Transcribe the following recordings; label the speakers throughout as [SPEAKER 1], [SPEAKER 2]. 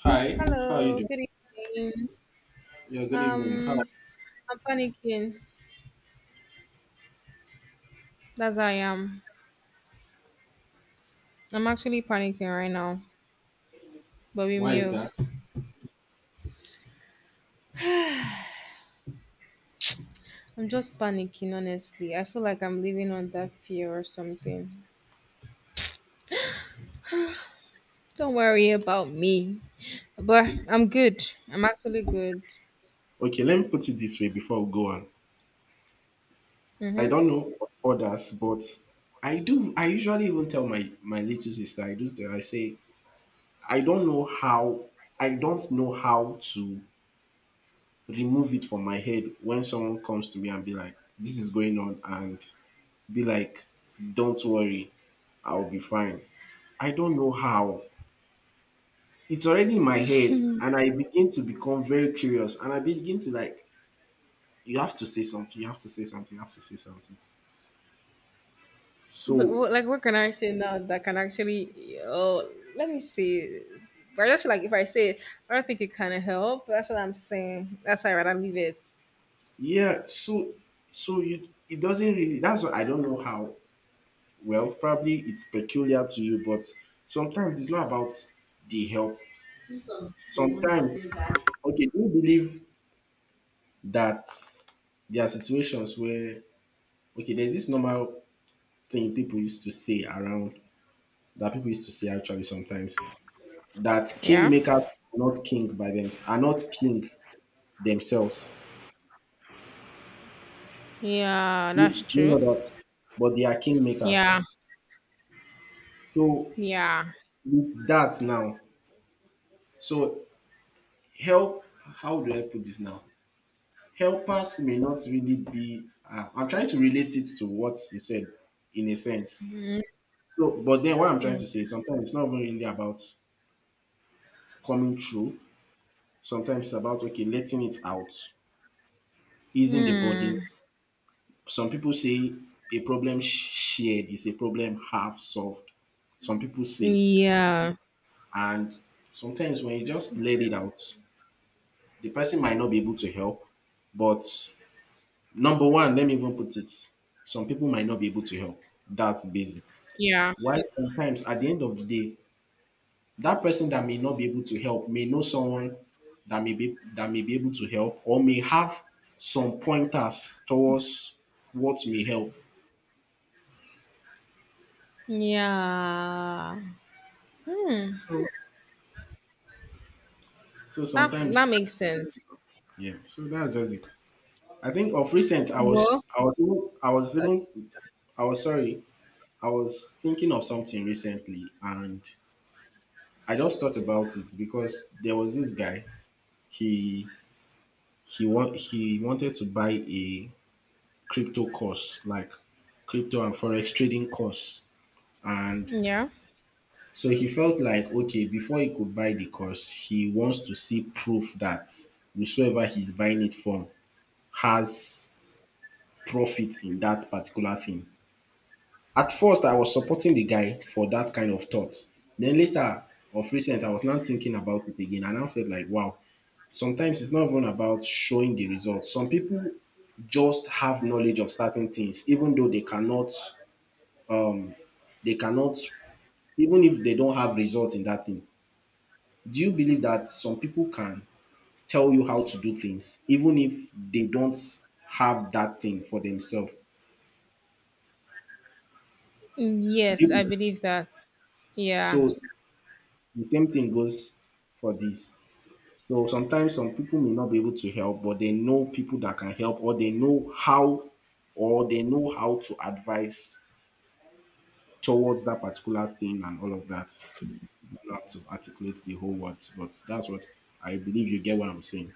[SPEAKER 1] Hi. How are you
[SPEAKER 2] Hello,
[SPEAKER 1] doing?
[SPEAKER 2] good evening.
[SPEAKER 1] Yeah, good evening. How,
[SPEAKER 2] Um, I'm panicking. That's how I am. I'm actually panicking right now, but we
[SPEAKER 1] why is
[SPEAKER 2] move.
[SPEAKER 1] that?
[SPEAKER 2] I'm just panicking, honestly. I feel like I'm living under fear or something. Don't worry about me, but I'm good. I'm actually good.
[SPEAKER 1] Okay, let me put it this way before we go on. I
[SPEAKER 2] Mm-hmm.
[SPEAKER 1] don't know others, but I do. I usually even tell my little sister. I do that. I say I don't know how. I don't know how to remove it from my head when someone comes to me and be like, "This is going on," and be like, "Don't worry, I'll be fine." I don't know how. It's already in my head, and I begin to become very curious, and I begin to like you have to say something, you have to say something, you have to say something,
[SPEAKER 2] But
[SPEAKER 1] so
[SPEAKER 2] what, like, what can I say now that can actually? Oh, let me see. But I just feel like if I say it, I don't think it can help. That's what I'm saying. That's why I rather leave it.
[SPEAKER 1] yeah, so you, it doesn't really, that's what I don't know how. Well, probably it's peculiar to you, but sometimes it's not about the help. Sometimes, okay, do you believe that there are situations where, okay, there's this normal thing people used to say around, that people used to say actually sometimes, that
[SPEAKER 2] Yeah.
[SPEAKER 1] kingmakers are not king themselves.
[SPEAKER 2] Yeah,
[SPEAKER 1] Do
[SPEAKER 2] that's
[SPEAKER 1] you, do you know
[SPEAKER 2] true.
[SPEAKER 1] that? But they are kingmakers.
[SPEAKER 2] Yeah,
[SPEAKER 1] So
[SPEAKER 2] yeah.
[SPEAKER 1] with that now, so help. How do I put this now? Helpers may not really be. I'm trying to relate it to what you said, in a sense.
[SPEAKER 2] Mm,
[SPEAKER 1] So, but then what I'm trying
[SPEAKER 2] mm,
[SPEAKER 1] to say is sometimes it's not even really about coming through. Sometimes it's about, okay, letting it out, easing the burden.
[SPEAKER 2] mm.
[SPEAKER 1] Some people say a problem shared is a problem half solved, some people say.
[SPEAKER 2] Yeah,
[SPEAKER 1] And sometimes when you just let it out, the person might not be able to help, but number one, let me even put it, some people might not be able to help. That's basic.
[SPEAKER 2] yeah,
[SPEAKER 1] Why sometimes at the end of the day, that person that may not be able to help may know someone that may be able to help or may have some pointers towards what may help.
[SPEAKER 2] yeah. Hmm.
[SPEAKER 1] So so
[SPEAKER 2] That
[SPEAKER 1] sometimes,
[SPEAKER 2] makes sense.
[SPEAKER 1] yeah, so that's just it. I think of recent
[SPEAKER 2] Well,
[SPEAKER 1] I was even I was
[SPEAKER 2] uh,
[SPEAKER 1] even I was sorry, I was thinking of something recently, and I just thought about it because there was this guy. He he wanted to buy a crypto course, like crypto and forex trading course, and
[SPEAKER 2] yeah.
[SPEAKER 1] so he felt like, okay, before he could buy the course, he wants to see proof that whosoever he's buying it from has profit in that particular thing. At first, I was supporting the guy for that kind of thoughts. Then later, of recent, I was now thinking about it again, and I felt like, wow, sometimes it's not even about showing the results. Some people just have knowledge of certain things, even though they cannot, even if they don't have results in that thing. Do you believe that some people can tell you how to do things, even if they don't have that thing for themselves? Do you
[SPEAKER 2] Yes, I
[SPEAKER 1] believe?
[SPEAKER 2] believe that. Yeah,
[SPEAKER 1] So the same thing goes for this. So sometimes some people may not be able to help, but they know people that can help, or they know how, or they know how to advise towards that particular thing and all of that. I don't know how to articulate the whole words, but that's what, I believe you get what I'm saying.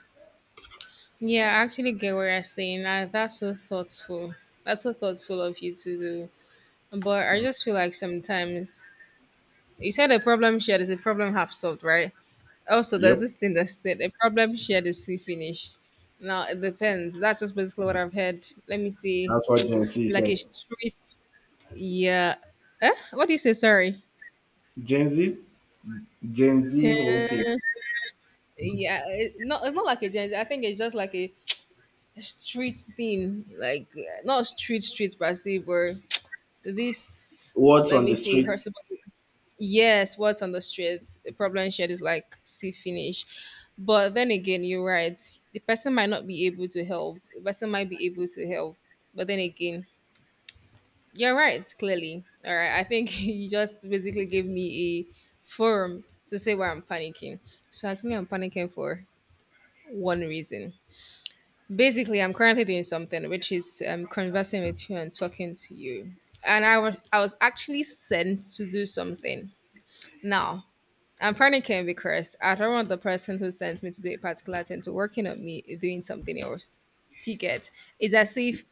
[SPEAKER 2] yeah. I actually get what you're saying. That's so thoughtful. That's so thoughtful of you to do. But I just feel like sometimes. You said a problem shared is a problem half solved, right? Also, there's
[SPEAKER 1] Yep,
[SPEAKER 2] this thing that said a problem shared is see finished. Now it depends. That's just basically what I've heard. Let me see.
[SPEAKER 1] that's what Gen Z is
[SPEAKER 2] Like a
[SPEAKER 1] like.
[SPEAKER 2] street, yeah. Eh? What do you say? Sorry.
[SPEAKER 1] Gen Z, Gen Z whole thing.
[SPEAKER 2] Yeah, yeah. It's not like a gen. I think it's just like a street thing. Like not street streets, but I see where this.
[SPEAKER 1] What's
[SPEAKER 2] Let
[SPEAKER 1] on
[SPEAKER 2] me
[SPEAKER 1] the
[SPEAKER 2] see.
[SPEAKER 1] street?
[SPEAKER 2] Her Yes, what's on the streets, the problem shared is like see finish. But then again, you're right. The person might not be able to help. The person might be able to help. But then again, you're right, clearly. All right. I think you just basically gave me a forum to say why I'm panicking. So actually I'm panicking for one reason. Basically, I'm currently doing something which is conversing with you and talking to you. And I was actually sent to do something. Now, I'm panicking because I don't want the person who sent me to do a particular thing to working on me doing something else. Do you get? It's as if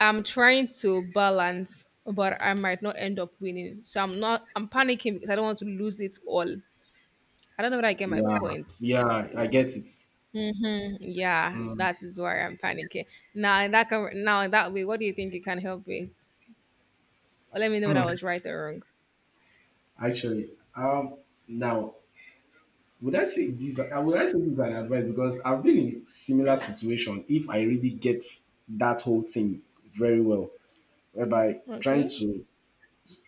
[SPEAKER 2] I'm trying to balance, but I might not end up winning. So I'm not. I'm panicking because I don't want to lose it all. I don't know whether I get my
[SPEAKER 1] Yeah,
[SPEAKER 2] point.
[SPEAKER 1] yeah, I get it.
[SPEAKER 2] Yeah, that is why I'm panicking. Now in that way, what do you think you can help with? Or let me know whether I was right or wrong.
[SPEAKER 1] Actually, now would I say this? I Would I say this is an advice because I've been in similar situation. If I really get that whole thing very well, whereby trying
[SPEAKER 2] Okay.
[SPEAKER 1] to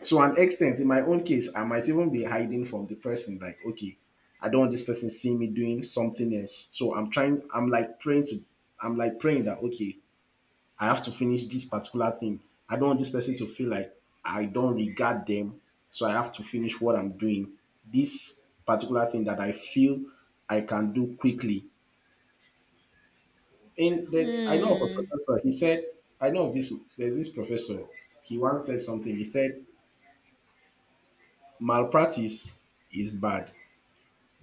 [SPEAKER 1] to an extent, in my own case, I might even be hiding from the person. Like, okay, I don't want this person seeing me doing something else. So I'm trying. I'm like praying to. I'm like praying that, okay, I have to finish this particular thing. I don't want this person to feel like I don't regard them. So I have to finish what I'm doing. This particular thing that I feel I can do quickly. And I know of a
[SPEAKER 2] Hmm.
[SPEAKER 1] professor. He said, I know of this. There's this professor. He once said something. He said malpractice is bad.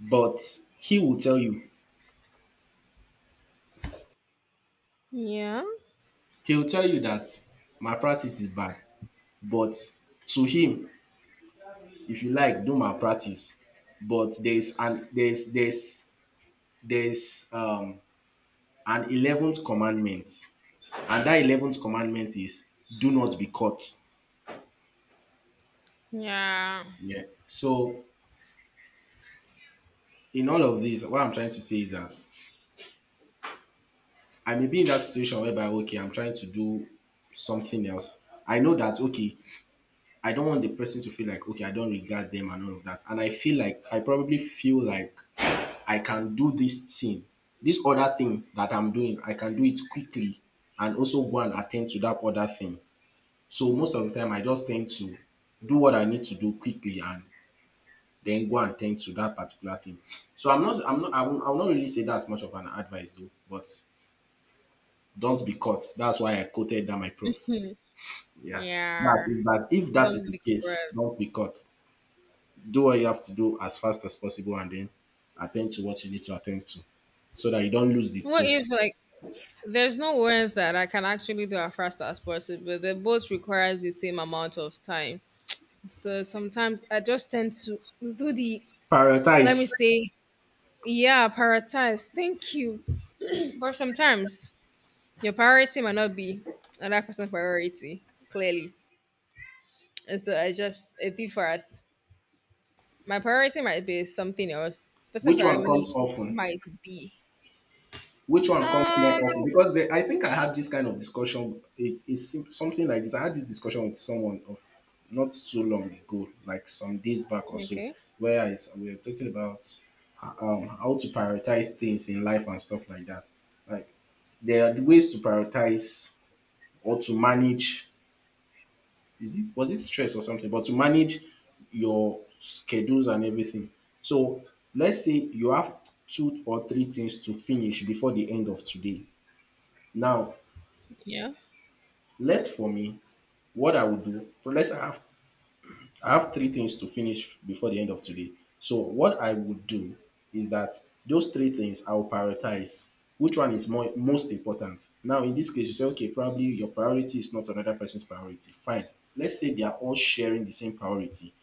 [SPEAKER 1] But he will tell you,
[SPEAKER 2] Yeah.
[SPEAKER 1] he'll tell you that malpractice is bad. But to him, if you like, do malpractice. But there's an 11th commandment, and that 11th commandment is do not be caught.
[SPEAKER 2] Yeah.
[SPEAKER 1] Yeah. So in all of this, what I'm trying to say is that I may be in that situation whereby, okay, I'm trying to do something else. I know that, okay, I don't want the person to feel like, okay, I don't regard them and all of that. And I probably feel like I can do this thing, this other thing that I'm doing, I can do it quickly and also go and attend to that other thing. So most of the time, I just tend to do what I need to do quickly and then go and tend to that particular thing. So I will not really say that's much of an advice though, but don't be caught. That's why I quoted that my prof. Yeah. That,
[SPEAKER 2] Yeah.
[SPEAKER 1] that if that is
[SPEAKER 2] Don't
[SPEAKER 1] the
[SPEAKER 2] be
[SPEAKER 1] case,
[SPEAKER 2] cruel.
[SPEAKER 1] don't be caught. Do what you have to do as fast as possible and then attend to what you need to attend to, so that you don't lose the
[SPEAKER 2] What
[SPEAKER 1] two.
[SPEAKER 2] if like there's no one that I can actually do as fast as possible, but they both requires the same amount of time. So sometimes I just tend to do the, let me
[SPEAKER 1] Prioritize
[SPEAKER 2] say, yeah, prioritize. Thank you. But sometimes your priority might not be another person's priority, clearly. And so I just it differs. My priority might be something else. Person
[SPEAKER 1] which one comes
[SPEAKER 2] priority
[SPEAKER 1] often,
[SPEAKER 2] might be.
[SPEAKER 1] which one comes more
[SPEAKER 2] Um
[SPEAKER 1] often.
[SPEAKER 2] the,
[SPEAKER 1] Because I think I had this kind of discussion. It is something like this. I had this discussion with someone of not so long ago, like some days back or so,
[SPEAKER 2] okay.
[SPEAKER 1] where we were talking about, how to prioritize things in life and stuff like that. Like, there are ways to prioritize or to manage, is it was it stress or something, but to manage your schedules and everything. So let's say you have two or three things to finish before the end of today. Now,
[SPEAKER 2] Yeah.
[SPEAKER 1] left for me, what I would do, so let's say I have three things to finish before the end of today. So what I would do is that those three things, I'll prioritize which one is more most important. Now in this case, you say, okay, probably your priority is not another person's priority, fine. Let's say they are all sharing the same priority.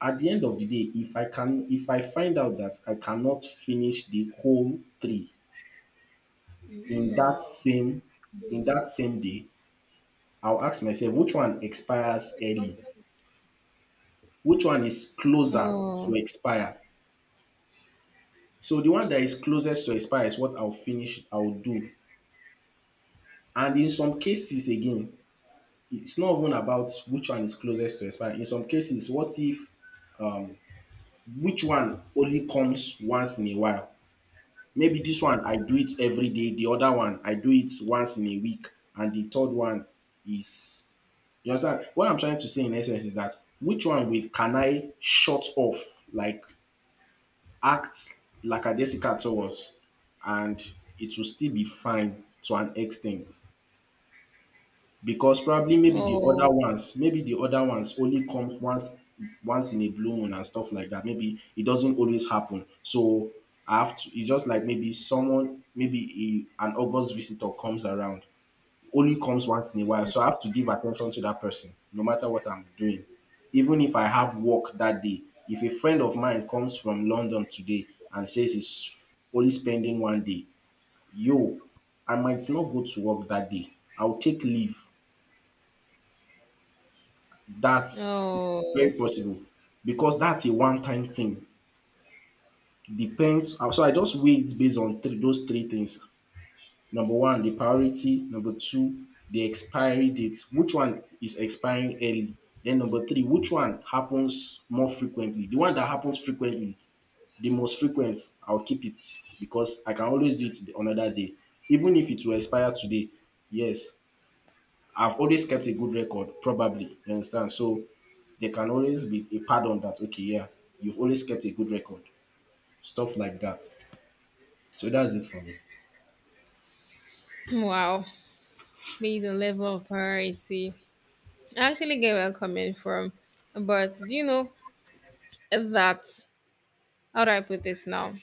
[SPEAKER 1] At the end of the day, if I find out that I cannot finish the whole three in that same in that same day, I'll ask myself which one expires early, which one is closer to
[SPEAKER 2] Oh.
[SPEAKER 1] expire. So the one that is closest to expire is what I'll do. And in some cases again, it's not even about which one is closest to expire. In some cases, what if, which one only comes once in a while. Maybe this one I do it every day, the other one I do it once in a week, and the third one is, you understand? What I'm trying to say in essence is that which one will can I shut off, like act like a lackadaisical towards, and it will still be fine to an extent. Because probably maybe the other
[SPEAKER 2] Oh,
[SPEAKER 1] ones, maybe the other ones only comes once in a blue moon and stuff like that. Maybe it doesn't always happen. So I have to it's just like maybe someone, maybe an August visitor comes around, only comes once in a while. So I have to give attention to that person no matter what I'm doing. Even if I have work that day, if a friend of mine comes from London today and says he's only spending one day, yo, I might not go to work that day. I'll take leave. That's very
[SPEAKER 2] oh,
[SPEAKER 1] possible because that's a one-time thing. Depends. So I just weigh it based on those three things. Number one, the priority. Number two, the expiry date. Which one is expiring early? Then number three, which one happens more frequently? The one that happens frequently, the most frequent, I'll keep it because I can always do it the another day. Even if it will expire today, yes, I've always kept a good record, probably. You understand? So there can always be a pardon that, okay, yeah, you've always kept a good record. Stuff like that. So that's it for me.
[SPEAKER 2] wow. There's a level of priority. I actually get where I'm coming from. But do you know that, how do I put this now?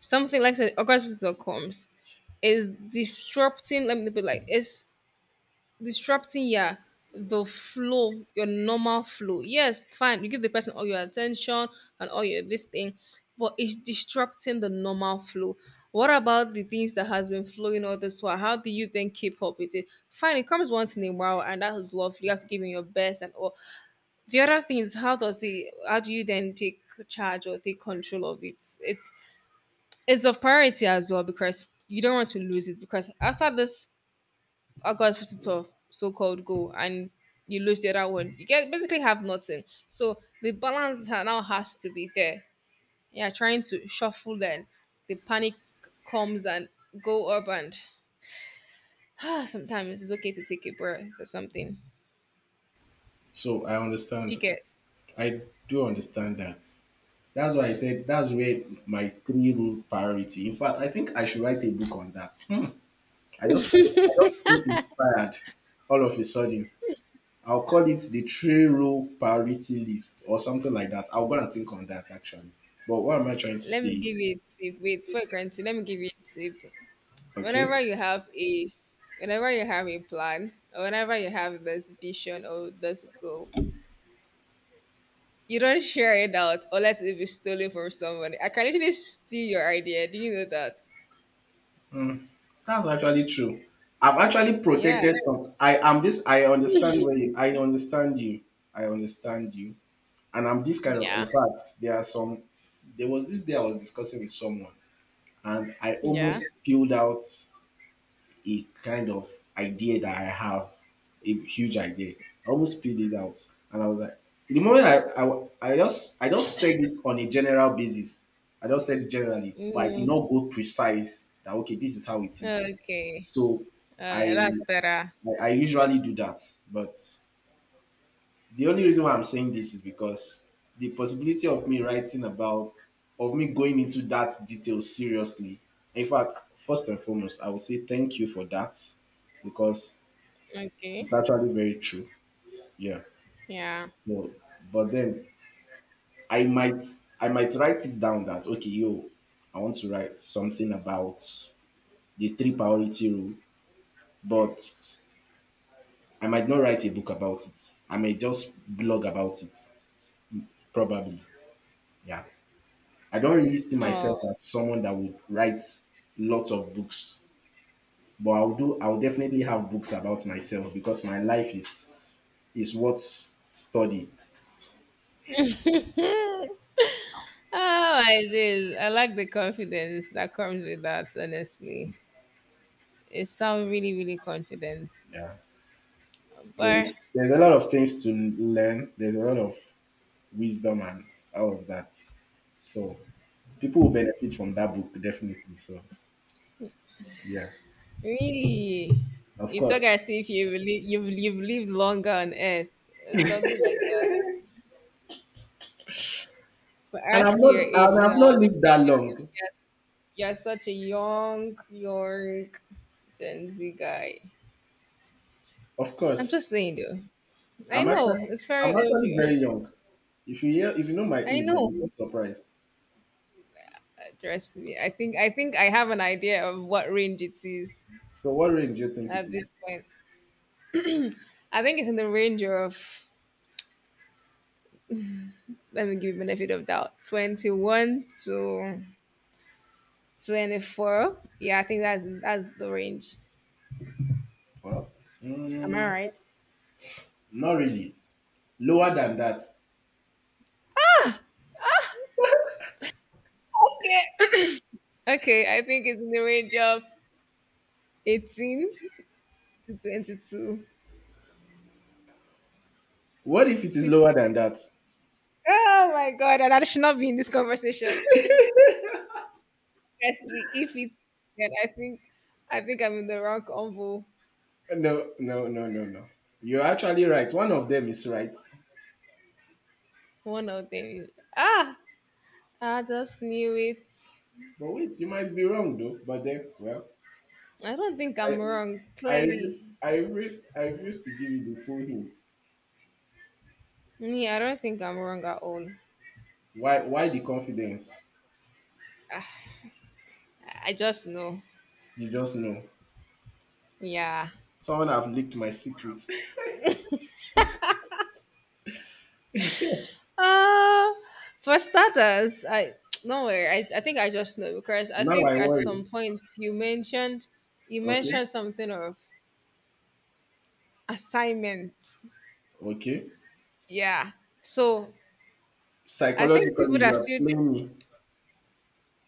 [SPEAKER 2] Something like say, August comes is disrupting. Let me put it like, it's disrupting your the flow, your normal flow. Yes, fine, you give the person all your attention and all your this thing. But it's disrupting the normal flow. What about the things that has been flowing all this while? How do you then keep up with it? Fine, it comes once in a while and that is lovely. You have to give him your best and all. The other thing is how does he how do you then take charge or take control of it? It's of priority as well, because you don't want to lose it, because after this August of so-called goal, and you lose the other one. You get basically have nothing. So the balance now has to be there. Yeah, trying to shuffle then the panic comes and go up and sometimes it's okay to take a breath or something.
[SPEAKER 1] So I
[SPEAKER 2] Do you
[SPEAKER 1] understand.
[SPEAKER 2] get?
[SPEAKER 1] I do understand that. That's why I said, that's where my three rule priority. In fact, I think I should write a book on that. Hmm. I just feel inspired all of a sudden. I'll call it the three rule priority list or something like that. I'll go and think on that actually. But what am I trying to
[SPEAKER 2] Let me
[SPEAKER 1] say?
[SPEAKER 2] give you a tip. Wait for granted. Let me give you a tip.
[SPEAKER 1] Okay,
[SPEAKER 2] Whenever you have a whenever you have a plan or whenever you have this vision or this goal, you don't share it out unless if it's stolen from somebody. I can literally steal your idea. Do you know that?
[SPEAKER 1] that's actually true. I've actually
[SPEAKER 2] Yeah.
[SPEAKER 1] protected some. I am this. I understand where you. I understand you. I understand you. And I'm this kind of. In
[SPEAKER 2] Yeah.
[SPEAKER 1] fact, there are some. There was this day I was discussing with someone, and I
[SPEAKER 2] Yeah.
[SPEAKER 1] almost spilled out a kind of idea that I have, a huge idea. I almost spilled it out, and I was like, the moment I just, I just said it on a general basis. I just said it generally, but I did
[SPEAKER 2] Mm.
[SPEAKER 1] not go precise that okay, this is how it is.
[SPEAKER 2] Okay.
[SPEAKER 1] So I
[SPEAKER 2] That's better.
[SPEAKER 1] I usually do that. But the only reason why I'm saying this is because the possibility of me writing about of me going into that detail seriously. In fact, first and foremost, I will say thank you for that because
[SPEAKER 2] Okay.
[SPEAKER 1] it's actually very true. Yeah.
[SPEAKER 2] Yeah.
[SPEAKER 1] No, but then I might I might write it down that okay, yo, I want to write something about the three priority rule, but I might not write a book about it. I may just blog about it, probably. Yeah. I don't really see myself
[SPEAKER 2] Oh.
[SPEAKER 1] as someone that would write lots of books, but I'll do. I'll definitely have books about myself because my life is what study.
[SPEAKER 2] Oh, I did. I like the confidence that comes with that, honestly. It sounds really, really confident.
[SPEAKER 1] Yeah.
[SPEAKER 2] But
[SPEAKER 1] There's a lot of things to learn. There's a lot of wisdom and all of that. So people will benefit from that book definitely. So yeah,
[SPEAKER 2] really,
[SPEAKER 1] of
[SPEAKER 2] you talk
[SPEAKER 1] course.
[SPEAKER 2] as if you believe, you've lived longer on earth, or something like that. So
[SPEAKER 1] And I've
[SPEAKER 2] ask
[SPEAKER 1] not
[SPEAKER 2] your age
[SPEAKER 1] and I've not
[SPEAKER 2] now.
[SPEAKER 1] lived that long.
[SPEAKER 2] Yeah, you're such a young, young Gen Z guy.
[SPEAKER 1] Of
[SPEAKER 2] I'm
[SPEAKER 1] course,
[SPEAKER 2] just saying though. I
[SPEAKER 1] I'm actually,
[SPEAKER 2] know it's very
[SPEAKER 1] I'm actually very
[SPEAKER 2] obvious.
[SPEAKER 1] young. If you hear, if you know my
[SPEAKER 2] I
[SPEAKER 1] age, you'll
[SPEAKER 2] know.
[SPEAKER 1] be so surprised.
[SPEAKER 2] Trust me. I think I have an idea of what range it is
[SPEAKER 1] So, what range do you think it
[SPEAKER 2] at
[SPEAKER 1] is?
[SPEAKER 2] this point. I think it's in the range of, let me give you benefit of doubt, 21 to 24. Yeah, I think that's the range.
[SPEAKER 1] Well,
[SPEAKER 2] Am I
[SPEAKER 1] mm,
[SPEAKER 2] right?
[SPEAKER 1] not really. Lower than that.
[SPEAKER 2] Okay. Okay, I think it's in the range of 18 to 22.
[SPEAKER 1] What if it is
[SPEAKER 2] Please.
[SPEAKER 1] lower than that?
[SPEAKER 2] Oh my god, and I should not be in this conversation. Honestly, if it, then I think I'm in the wrong convo.
[SPEAKER 1] No, no, no, no, no. You're actually right. One of them is right.
[SPEAKER 2] One of them is. Ah, I just knew it.
[SPEAKER 1] But wait, you might be wrong though. But then, well,
[SPEAKER 2] I don't think
[SPEAKER 1] I,
[SPEAKER 2] I'm wrong,
[SPEAKER 1] I,
[SPEAKER 2] clearly.
[SPEAKER 1] I refuse to give you the full hint.
[SPEAKER 2] Me, I don't think I'm wrong at all.
[SPEAKER 1] Why the confidence?
[SPEAKER 2] I just know.
[SPEAKER 1] You just know.
[SPEAKER 2] Yeah.
[SPEAKER 1] Someone have leaked my secret.
[SPEAKER 2] Uh for starters, I don't worry, I think I just know because I
[SPEAKER 1] Now
[SPEAKER 2] think
[SPEAKER 1] I
[SPEAKER 2] at
[SPEAKER 1] worry.
[SPEAKER 2] some point you mentioned you
[SPEAKER 1] Okay.
[SPEAKER 2] mentioned something of assignment.
[SPEAKER 1] Okay.
[SPEAKER 2] Yeah. So I think
[SPEAKER 1] Psychologically,
[SPEAKER 2] people that
[SPEAKER 1] you are
[SPEAKER 2] still,
[SPEAKER 1] playing me.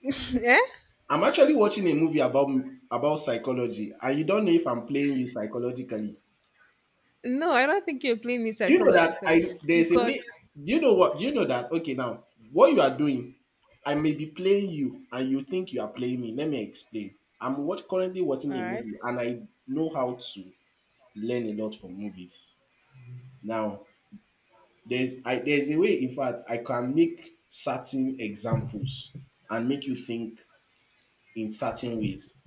[SPEAKER 2] yeah,
[SPEAKER 1] I'm actually watching a movie about psychology, and you don't know if I'm playing you psychologically.
[SPEAKER 2] no, I don't think you're playing me
[SPEAKER 1] Do you know that
[SPEAKER 2] psychologically
[SPEAKER 1] I there's a
[SPEAKER 2] because,
[SPEAKER 1] way? Do you know what? Do you know that? Okay, now what you are doing, I may be playing you, and you think you are playing me. Let me explain. I'm what currently watching
[SPEAKER 2] all
[SPEAKER 1] a
[SPEAKER 2] right,
[SPEAKER 1] movie, and I know how to learn a lot from movies. Now, there's a way, in fact, I can make certain examples and make you think in certain ways.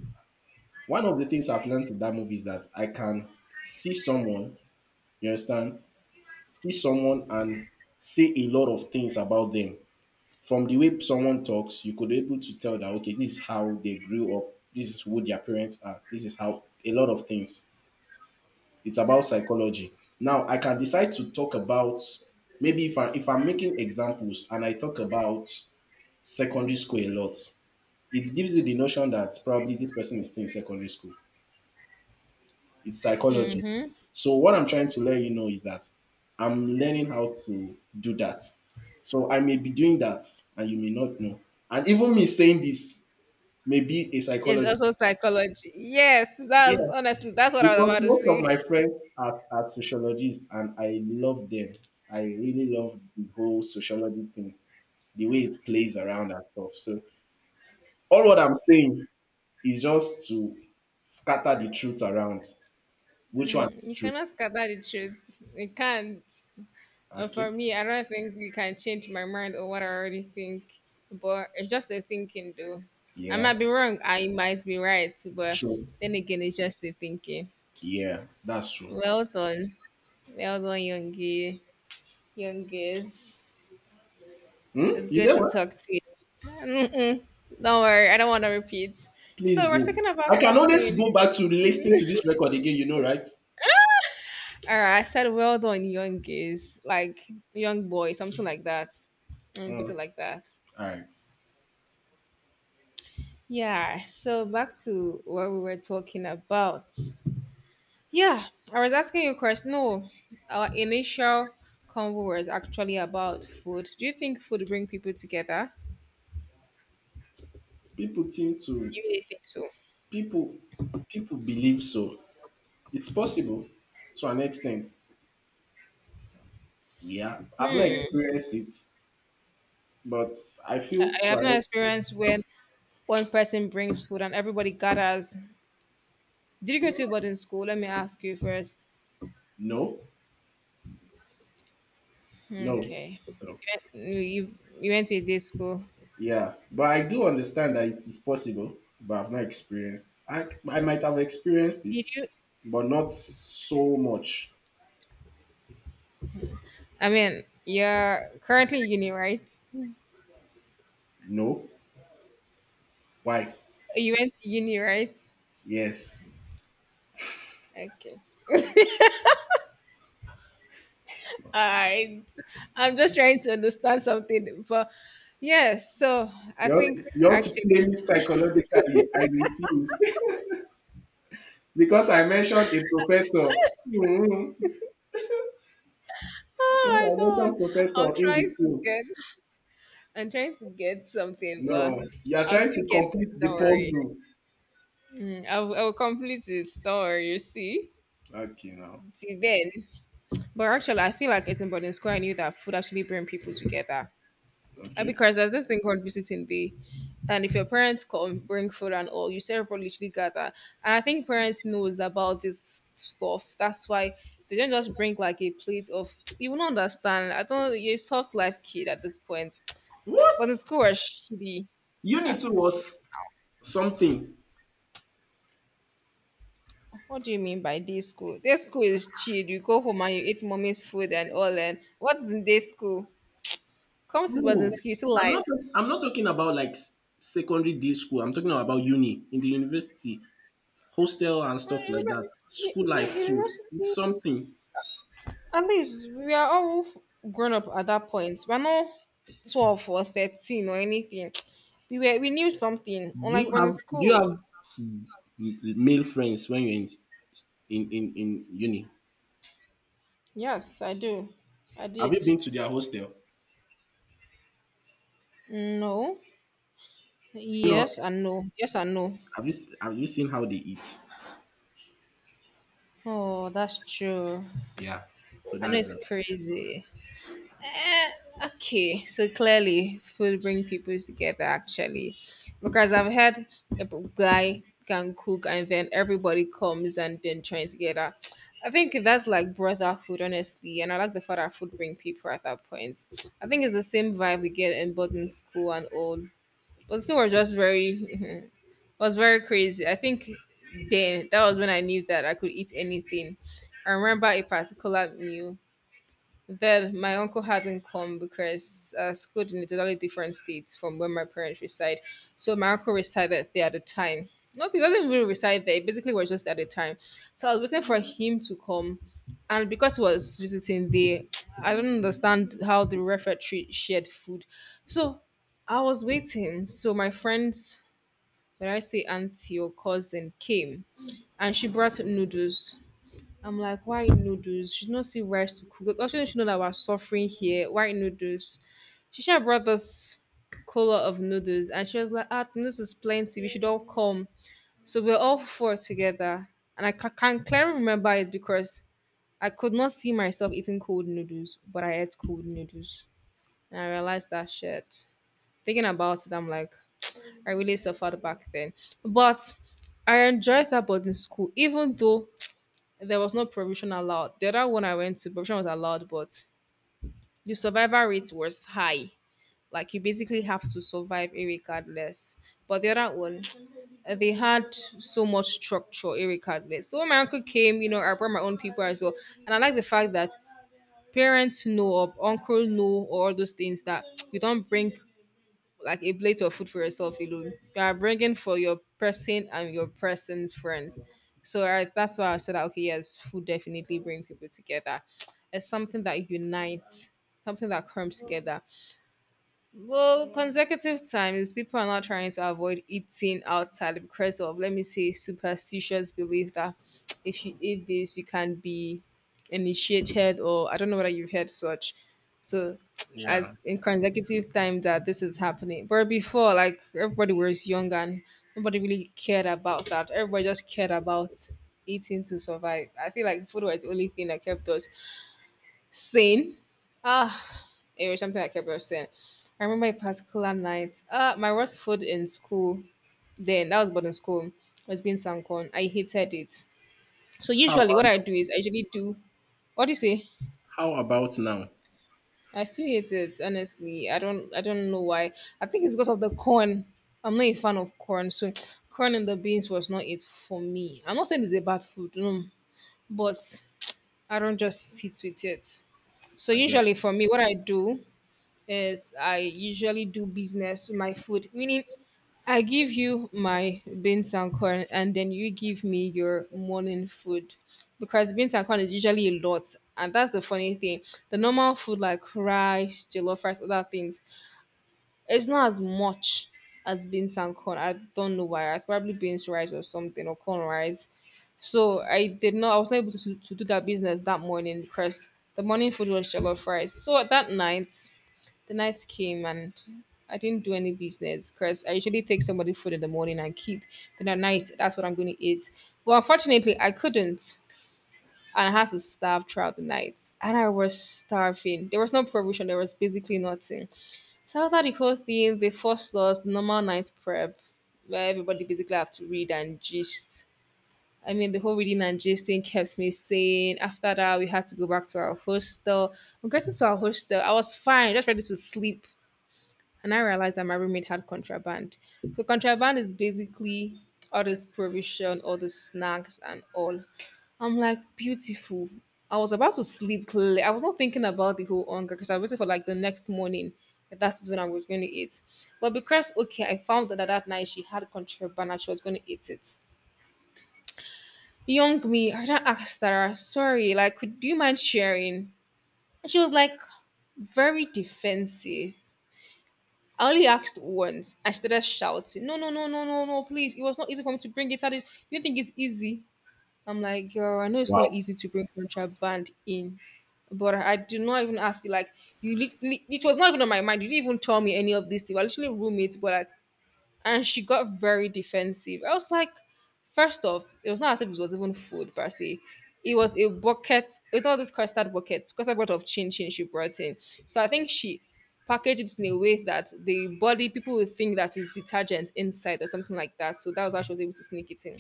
[SPEAKER 1] One of the things I've learned in that movie is that I can see someone, you understand, see someone and say a lot of things about them. From the way someone talks, you could be able to tell that okay, this is how they grew up, this is who their parents are, this is how a lot of things. It's about psychology. Now I can decide to talk about maybe if I'm making examples and I talk about secondary school a lot, it gives you the notion that probably this person is still in secondary school. It's psychology. So what I'm trying to let you know is that I'm learning how to do that. So I may be doing that and you may not know. And even me saying this may be a
[SPEAKER 2] it's
[SPEAKER 1] psychology.
[SPEAKER 2] also psychology. Yes,
[SPEAKER 1] Yeah.
[SPEAKER 2] that's honestly that's what I was
[SPEAKER 1] Because
[SPEAKER 2] about to
[SPEAKER 1] most of
[SPEAKER 2] say.
[SPEAKER 1] my friends are sociologists and I love them. I really love the whole sociology thing, the way it plays around and stuff. So all what I'm saying is just to scatter the truth around. Which one
[SPEAKER 2] You
[SPEAKER 1] is true?
[SPEAKER 2] cannot scatter the truth. You can't. For
[SPEAKER 1] Okay.
[SPEAKER 2] me, I don't think you can change my mind or what I already think. But it's just a thinking, though. I
[SPEAKER 1] Yeah.
[SPEAKER 2] might be wrong. I might be right. But
[SPEAKER 1] True.
[SPEAKER 2] then again, it's just a thinking.
[SPEAKER 1] Yeah, that's true.
[SPEAKER 2] Well done. Well done, youngie. Youngest.
[SPEAKER 1] Hmm?
[SPEAKER 2] It's
[SPEAKER 1] You
[SPEAKER 2] good
[SPEAKER 1] say
[SPEAKER 2] to
[SPEAKER 1] what?
[SPEAKER 2] talk to you. Mm-mm. Don't worry, I don't want to repeat.
[SPEAKER 1] Please
[SPEAKER 2] So we're
[SPEAKER 1] do.
[SPEAKER 2] talking
[SPEAKER 1] I
[SPEAKER 2] about
[SPEAKER 1] can always
[SPEAKER 2] something.
[SPEAKER 1] go back to listening to this record again, you know, right?
[SPEAKER 2] All right, I said well done, young gays, like young boy, something like that. Let me
[SPEAKER 1] Hmm.
[SPEAKER 2] put it like that.
[SPEAKER 1] All right.
[SPEAKER 2] Yeah. So back to what we were talking about. Yeah, I was asking you a question. No, our initial convo was actually about food. Do you think food bring people together?
[SPEAKER 1] People seem
[SPEAKER 2] Do
[SPEAKER 1] to
[SPEAKER 2] you really think so?
[SPEAKER 1] people people believe so. It's possible to an extent. Yeah. I've not
[SPEAKER 2] Hmm.
[SPEAKER 1] experienced it, but I
[SPEAKER 2] I
[SPEAKER 1] feel
[SPEAKER 2] I
[SPEAKER 1] to
[SPEAKER 2] have
[SPEAKER 1] an
[SPEAKER 2] no
[SPEAKER 1] extent,
[SPEAKER 2] experience when one person brings food and everybody gathers. Did you go to a boarding school? Let me ask you first.
[SPEAKER 1] no, no.
[SPEAKER 2] Okay.
[SPEAKER 1] So,
[SPEAKER 2] You, you you went to a day school.
[SPEAKER 1] yeah. But I do understand that it is possible, but I've not experienced. I might have experienced it,
[SPEAKER 2] Did you?
[SPEAKER 1] but not so much.
[SPEAKER 2] I mean, you're currently in uni, right?
[SPEAKER 1] No. Why?
[SPEAKER 2] You went to uni, right?
[SPEAKER 1] Yes.
[SPEAKER 2] Okay. All right. I'm just trying to understand something, but yes. So I
[SPEAKER 1] You ought,
[SPEAKER 2] think
[SPEAKER 1] you ought to
[SPEAKER 2] actually,
[SPEAKER 1] play me psychologically. I refuse. Because I mentioned a professor. Hmm. Because
[SPEAKER 2] oh
[SPEAKER 1] I
[SPEAKER 2] my god,
[SPEAKER 1] mentioned professor
[SPEAKER 2] I'm
[SPEAKER 1] in
[SPEAKER 2] trying to
[SPEAKER 1] between.
[SPEAKER 2] get, I'm trying to get something, but
[SPEAKER 1] No, you are
[SPEAKER 2] I'll
[SPEAKER 1] trying
[SPEAKER 2] still
[SPEAKER 1] to
[SPEAKER 2] get
[SPEAKER 1] complete
[SPEAKER 2] it.
[SPEAKER 1] the
[SPEAKER 2] Don't worry.
[SPEAKER 1] puzzle.
[SPEAKER 2] Mm, I will complete it. Don't worry. You see,
[SPEAKER 1] Okay, now.
[SPEAKER 2] till then. But actually, I feel like it's in Boarding School. I knew that food actually bring people together.
[SPEAKER 1] Okay.
[SPEAKER 2] Because there's this thing called visiting day, and if your parents come bring food and all, you see everybody literally gather. And I think parents knows about this stuff. That's why they don't just bring like a plate of. You will not understand. I don't know, you're a soft life kid at this point. But the
[SPEAKER 1] What?
[SPEAKER 2] school was shitty. Uh,
[SPEAKER 1] Unit 2 was something.
[SPEAKER 2] what do you mean by day school? Day school is chill. You go home and you eat mommy's food and all. And what's in day school? Come to
[SPEAKER 1] Bro,
[SPEAKER 2] boarding school. You see
[SPEAKER 1] I'm not
[SPEAKER 2] life.
[SPEAKER 1] I'm not talking about like secondary day school. I'm talking about uni in the university, hostel and
[SPEAKER 2] Well,
[SPEAKER 1] stuff like that. School
[SPEAKER 2] yeah,
[SPEAKER 1] life too. It's
[SPEAKER 2] university.
[SPEAKER 1] something.
[SPEAKER 2] At least we are all grown up at that point. We're not 12 or 13 or anything. We knew something. Unlike when in
[SPEAKER 1] Do you
[SPEAKER 2] school.
[SPEAKER 1] have male friends when you're in in uni?
[SPEAKER 2] Yes, I do. I
[SPEAKER 1] Have you
[SPEAKER 2] did.
[SPEAKER 1] been to their hostel?
[SPEAKER 2] No.
[SPEAKER 1] No.
[SPEAKER 2] Yes and no. Yes and no.
[SPEAKER 1] Have you seen how they eat?
[SPEAKER 2] Oh, that's true.
[SPEAKER 1] Yeah. So
[SPEAKER 2] I know
[SPEAKER 1] that's
[SPEAKER 2] it's
[SPEAKER 1] it.
[SPEAKER 2] crazy. Eh, okay, so clearly food bring people together, actually, because I've had a guy can cook and then everybody comes and then join together. I think that's like brother food, honestly. And I like the fact that food bring people at that point. I think it's the same vibe we get in boarding school and all. But people were just very was very crazy. I think then that was when I knew that I could eat anything. I remember a particular meal. Then my uncle hadn't come because schooled in a totally different state from where my parents reside. So my uncle resided there at the time. Not he doesn't really reside there. He basically was just at the time. So I was waiting for him to come, and because he was visiting there, I don't understand how the refectory shared food. So I was waiting. So my friends, when I say auntie or cousin, came, and she brought noodles. I'm like, why noodles? She's not see rice to cook. Like, also, she know that we're suffering here. Why noodles? She should have brought us color of noodles, and she was like, ah, the noodles is plenty. We should all come. So we're all four together, and can clearly remember it because I could not see myself eating cold noodles, but I ate cold noodles, and I realized that shit. Thinking about it, I'm like, I really suffered back then, but I enjoyed that boarding school, even though there was no provision allowed. The other one I went to, provision was allowed, but the survival rate was high. Like you basically have to survive irregardless. But the other one, they had so much structure irregardless. So when my uncle came, you know, I brought my own people as well. And I like the fact that parents know or uncle know or all those things that you don't bring like a plate of food for yourself alone. You are bringing for your person and your person's friends. So I, that's why I said that okay, yes, food definitely bring people together. It's something that unites, something that comes together. Well, consecutive times, people are not trying to avoid eating outside because of, let me say, superstitious belief that if you eat this, you can be initiated, or I don't know whether you've heard such. So,
[SPEAKER 1] Yeah.
[SPEAKER 2] as in consecutive time that this is happening. But before, like, everybody was young and nobody really cared about that. Everybody just cared about eating to survive. I feel like food was the only thing that kept us sane. Ah, it was something I kept on saying. I remember a particular night. My worst food in school then, that was boarding school, was being corn. I hated it. So
[SPEAKER 1] How
[SPEAKER 2] usually
[SPEAKER 1] about
[SPEAKER 2] what I do is I usually do what do you say?
[SPEAKER 1] How about now?
[SPEAKER 2] I still hate it, honestly. I don't know why. I think it's because of the corn. I'm not a fan of corn, so corn and the beans was not it for me. I'm not saying it's a bad food, no, but I don't just sit with it. So
[SPEAKER 1] Again.
[SPEAKER 2] usually for me, what I do is I usually do business with my food, meaning I give you my beans and corn, and then you give me your morning food. Because beans and corn is usually a lot. And that's the funny thing. The normal food like rice, jollof rice, other things, it's not as much as beans and corn. I don't know why. I probably beans rice or something or corn rice. So I was not able to do that business that morning because the morning food was jollof rice. So at that night the night came and I didn't do any business because I usually take somebody food in the morning and keep. Then at night, that's what I'm going to eat. Well, unfortunately, I couldn't. And I had to starve throughout the night. And I was starving. There was no provision, there was basically nothing. So after the whole thing, they forced us the normal night prep, where everybody basically have to read and gist. I mean, the whole reading and gisting kept me sane. After that, we had to go back to our hostel. We got into our hostel. I was fine, just ready to sleep and I realized that my roommate had contraband. So contraband is basically all this provision, all the snacks and all. I'm like, beautiful. I was about to sleep clearly. I was not thinking about the whole hunger because I waited for like the next morning. That is when I was going to eat. But because, okay, I found that that night she had contraband and she was going to eat it. Young me, I don't asked her, sorry, like, could, do you mind sharing? And she was like, very defensive. I only asked once. I started shouting, no, no, no, no, no, no, please. It was not easy for me to bring it out. You don't think it's easy? I'm like, girl, I know it's not
[SPEAKER 1] Wow.
[SPEAKER 2] easy to bring contraband in. But I do not even ask you, like, you it was not even on my mind. You didn't even tell me any of this things. I literally room it, but like, and she got very defensive. I was like, first off, it was not as if it was even food per se. It was a bucket with all these custard buckets, custard bucket of chin chin she brought in. So I think she packaged it in a way that the body people would think that is detergent inside or something like that. So that was how she was able to sneak it in.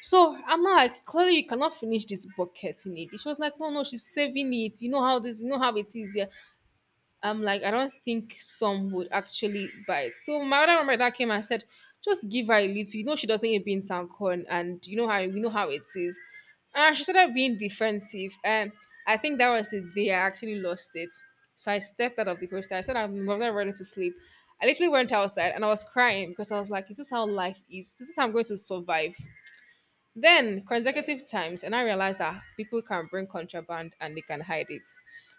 [SPEAKER 2] So I'm not like, clearly you cannot finish this bucket in it. She was like, no, no, she's saving it. You know how it is. Yeah. I'm like, I don't think some would actually buy it. So my other mom that came and said, just give her a little. You know she doesn't eat beans and corn, and how we know how it is. And she started being defensive, and I think that was the day I actually lost it. So I stepped out of the poster. I said, I'm not ready to sleep. I literally went outside and I was crying because I was like, is this how life is? This is how I'm going to survive. Then consecutive times, and I realized that people can bring contraband and they can hide it.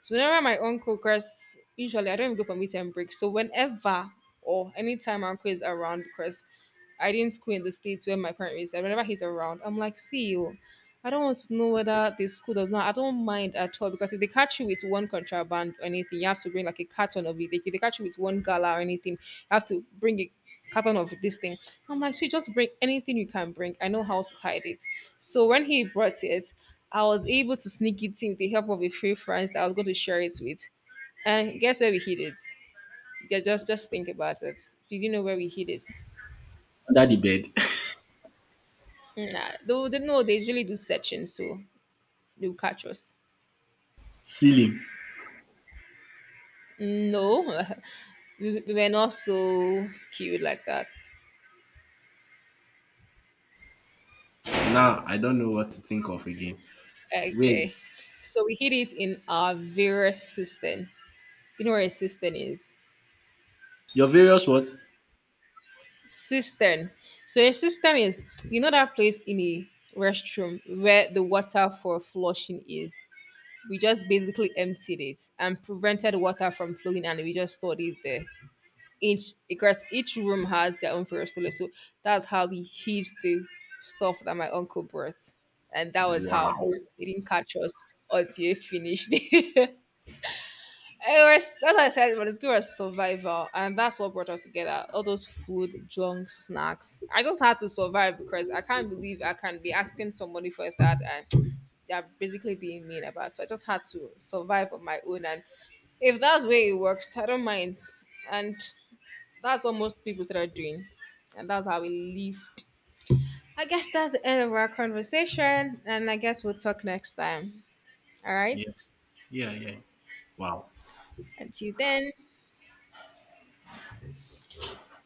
[SPEAKER 2] So whenever my uncle because usually I don't even go for meet and break. So whenever or anytime my uncle is around, because I didn't school in the states where my parents is, and whenever he's around, I'm like, see you. I don't want to know whether the school does not. I don't mind at all because if they catch you with one contraband or anything, you have to bring like a carton of it. If they catch you with one gala or anything, you have to bring a carton of this thing. I'm like, she just bring anything you can bring. I know how to hide it. So when he brought it, I was able to sneak it in with the help of a few friends that I was going to share it with. And guess where we hid it? Yeah, just think about it. Did you know where we hid it?
[SPEAKER 1] Under the bed.
[SPEAKER 2] Nah, though they know they usually do searching, so they'll catch us.
[SPEAKER 1] Ceiling.
[SPEAKER 2] No, we were not so skewed like that.
[SPEAKER 1] Now I don't know what to think of again. Wait.
[SPEAKER 2] Okay. So we hid it in our various system. You know where a system is?
[SPEAKER 1] Your various what?
[SPEAKER 2] Cistern. So a cistern is, you know that place in a restroom where the water for flushing is. We just basically emptied it and prevented water from flowing and we just stored it there. Each Because each room has their own various toilet. So that's how we hid the stuff that my uncle brought. And that was how
[SPEAKER 1] Wow.
[SPEAKER 2] they didn't catch us until he finished. It was that's what I said, but it's good as survival. And that's what brought us together. All those food, junk, snacks. I just had to survive because I can't believe I can be asking somebody for that and they're basically being mean about it. So I just had to survive on my own and if that's where it works, I don't mind. And that's what most people started doing. And that's how we lived. I guess that's the end of our conversation. And I guess we'll talk next time. All right.
[SPEAKER 1] Yeah. Yeah. Yeah. Wow.
[SPEAKER 2] Until then.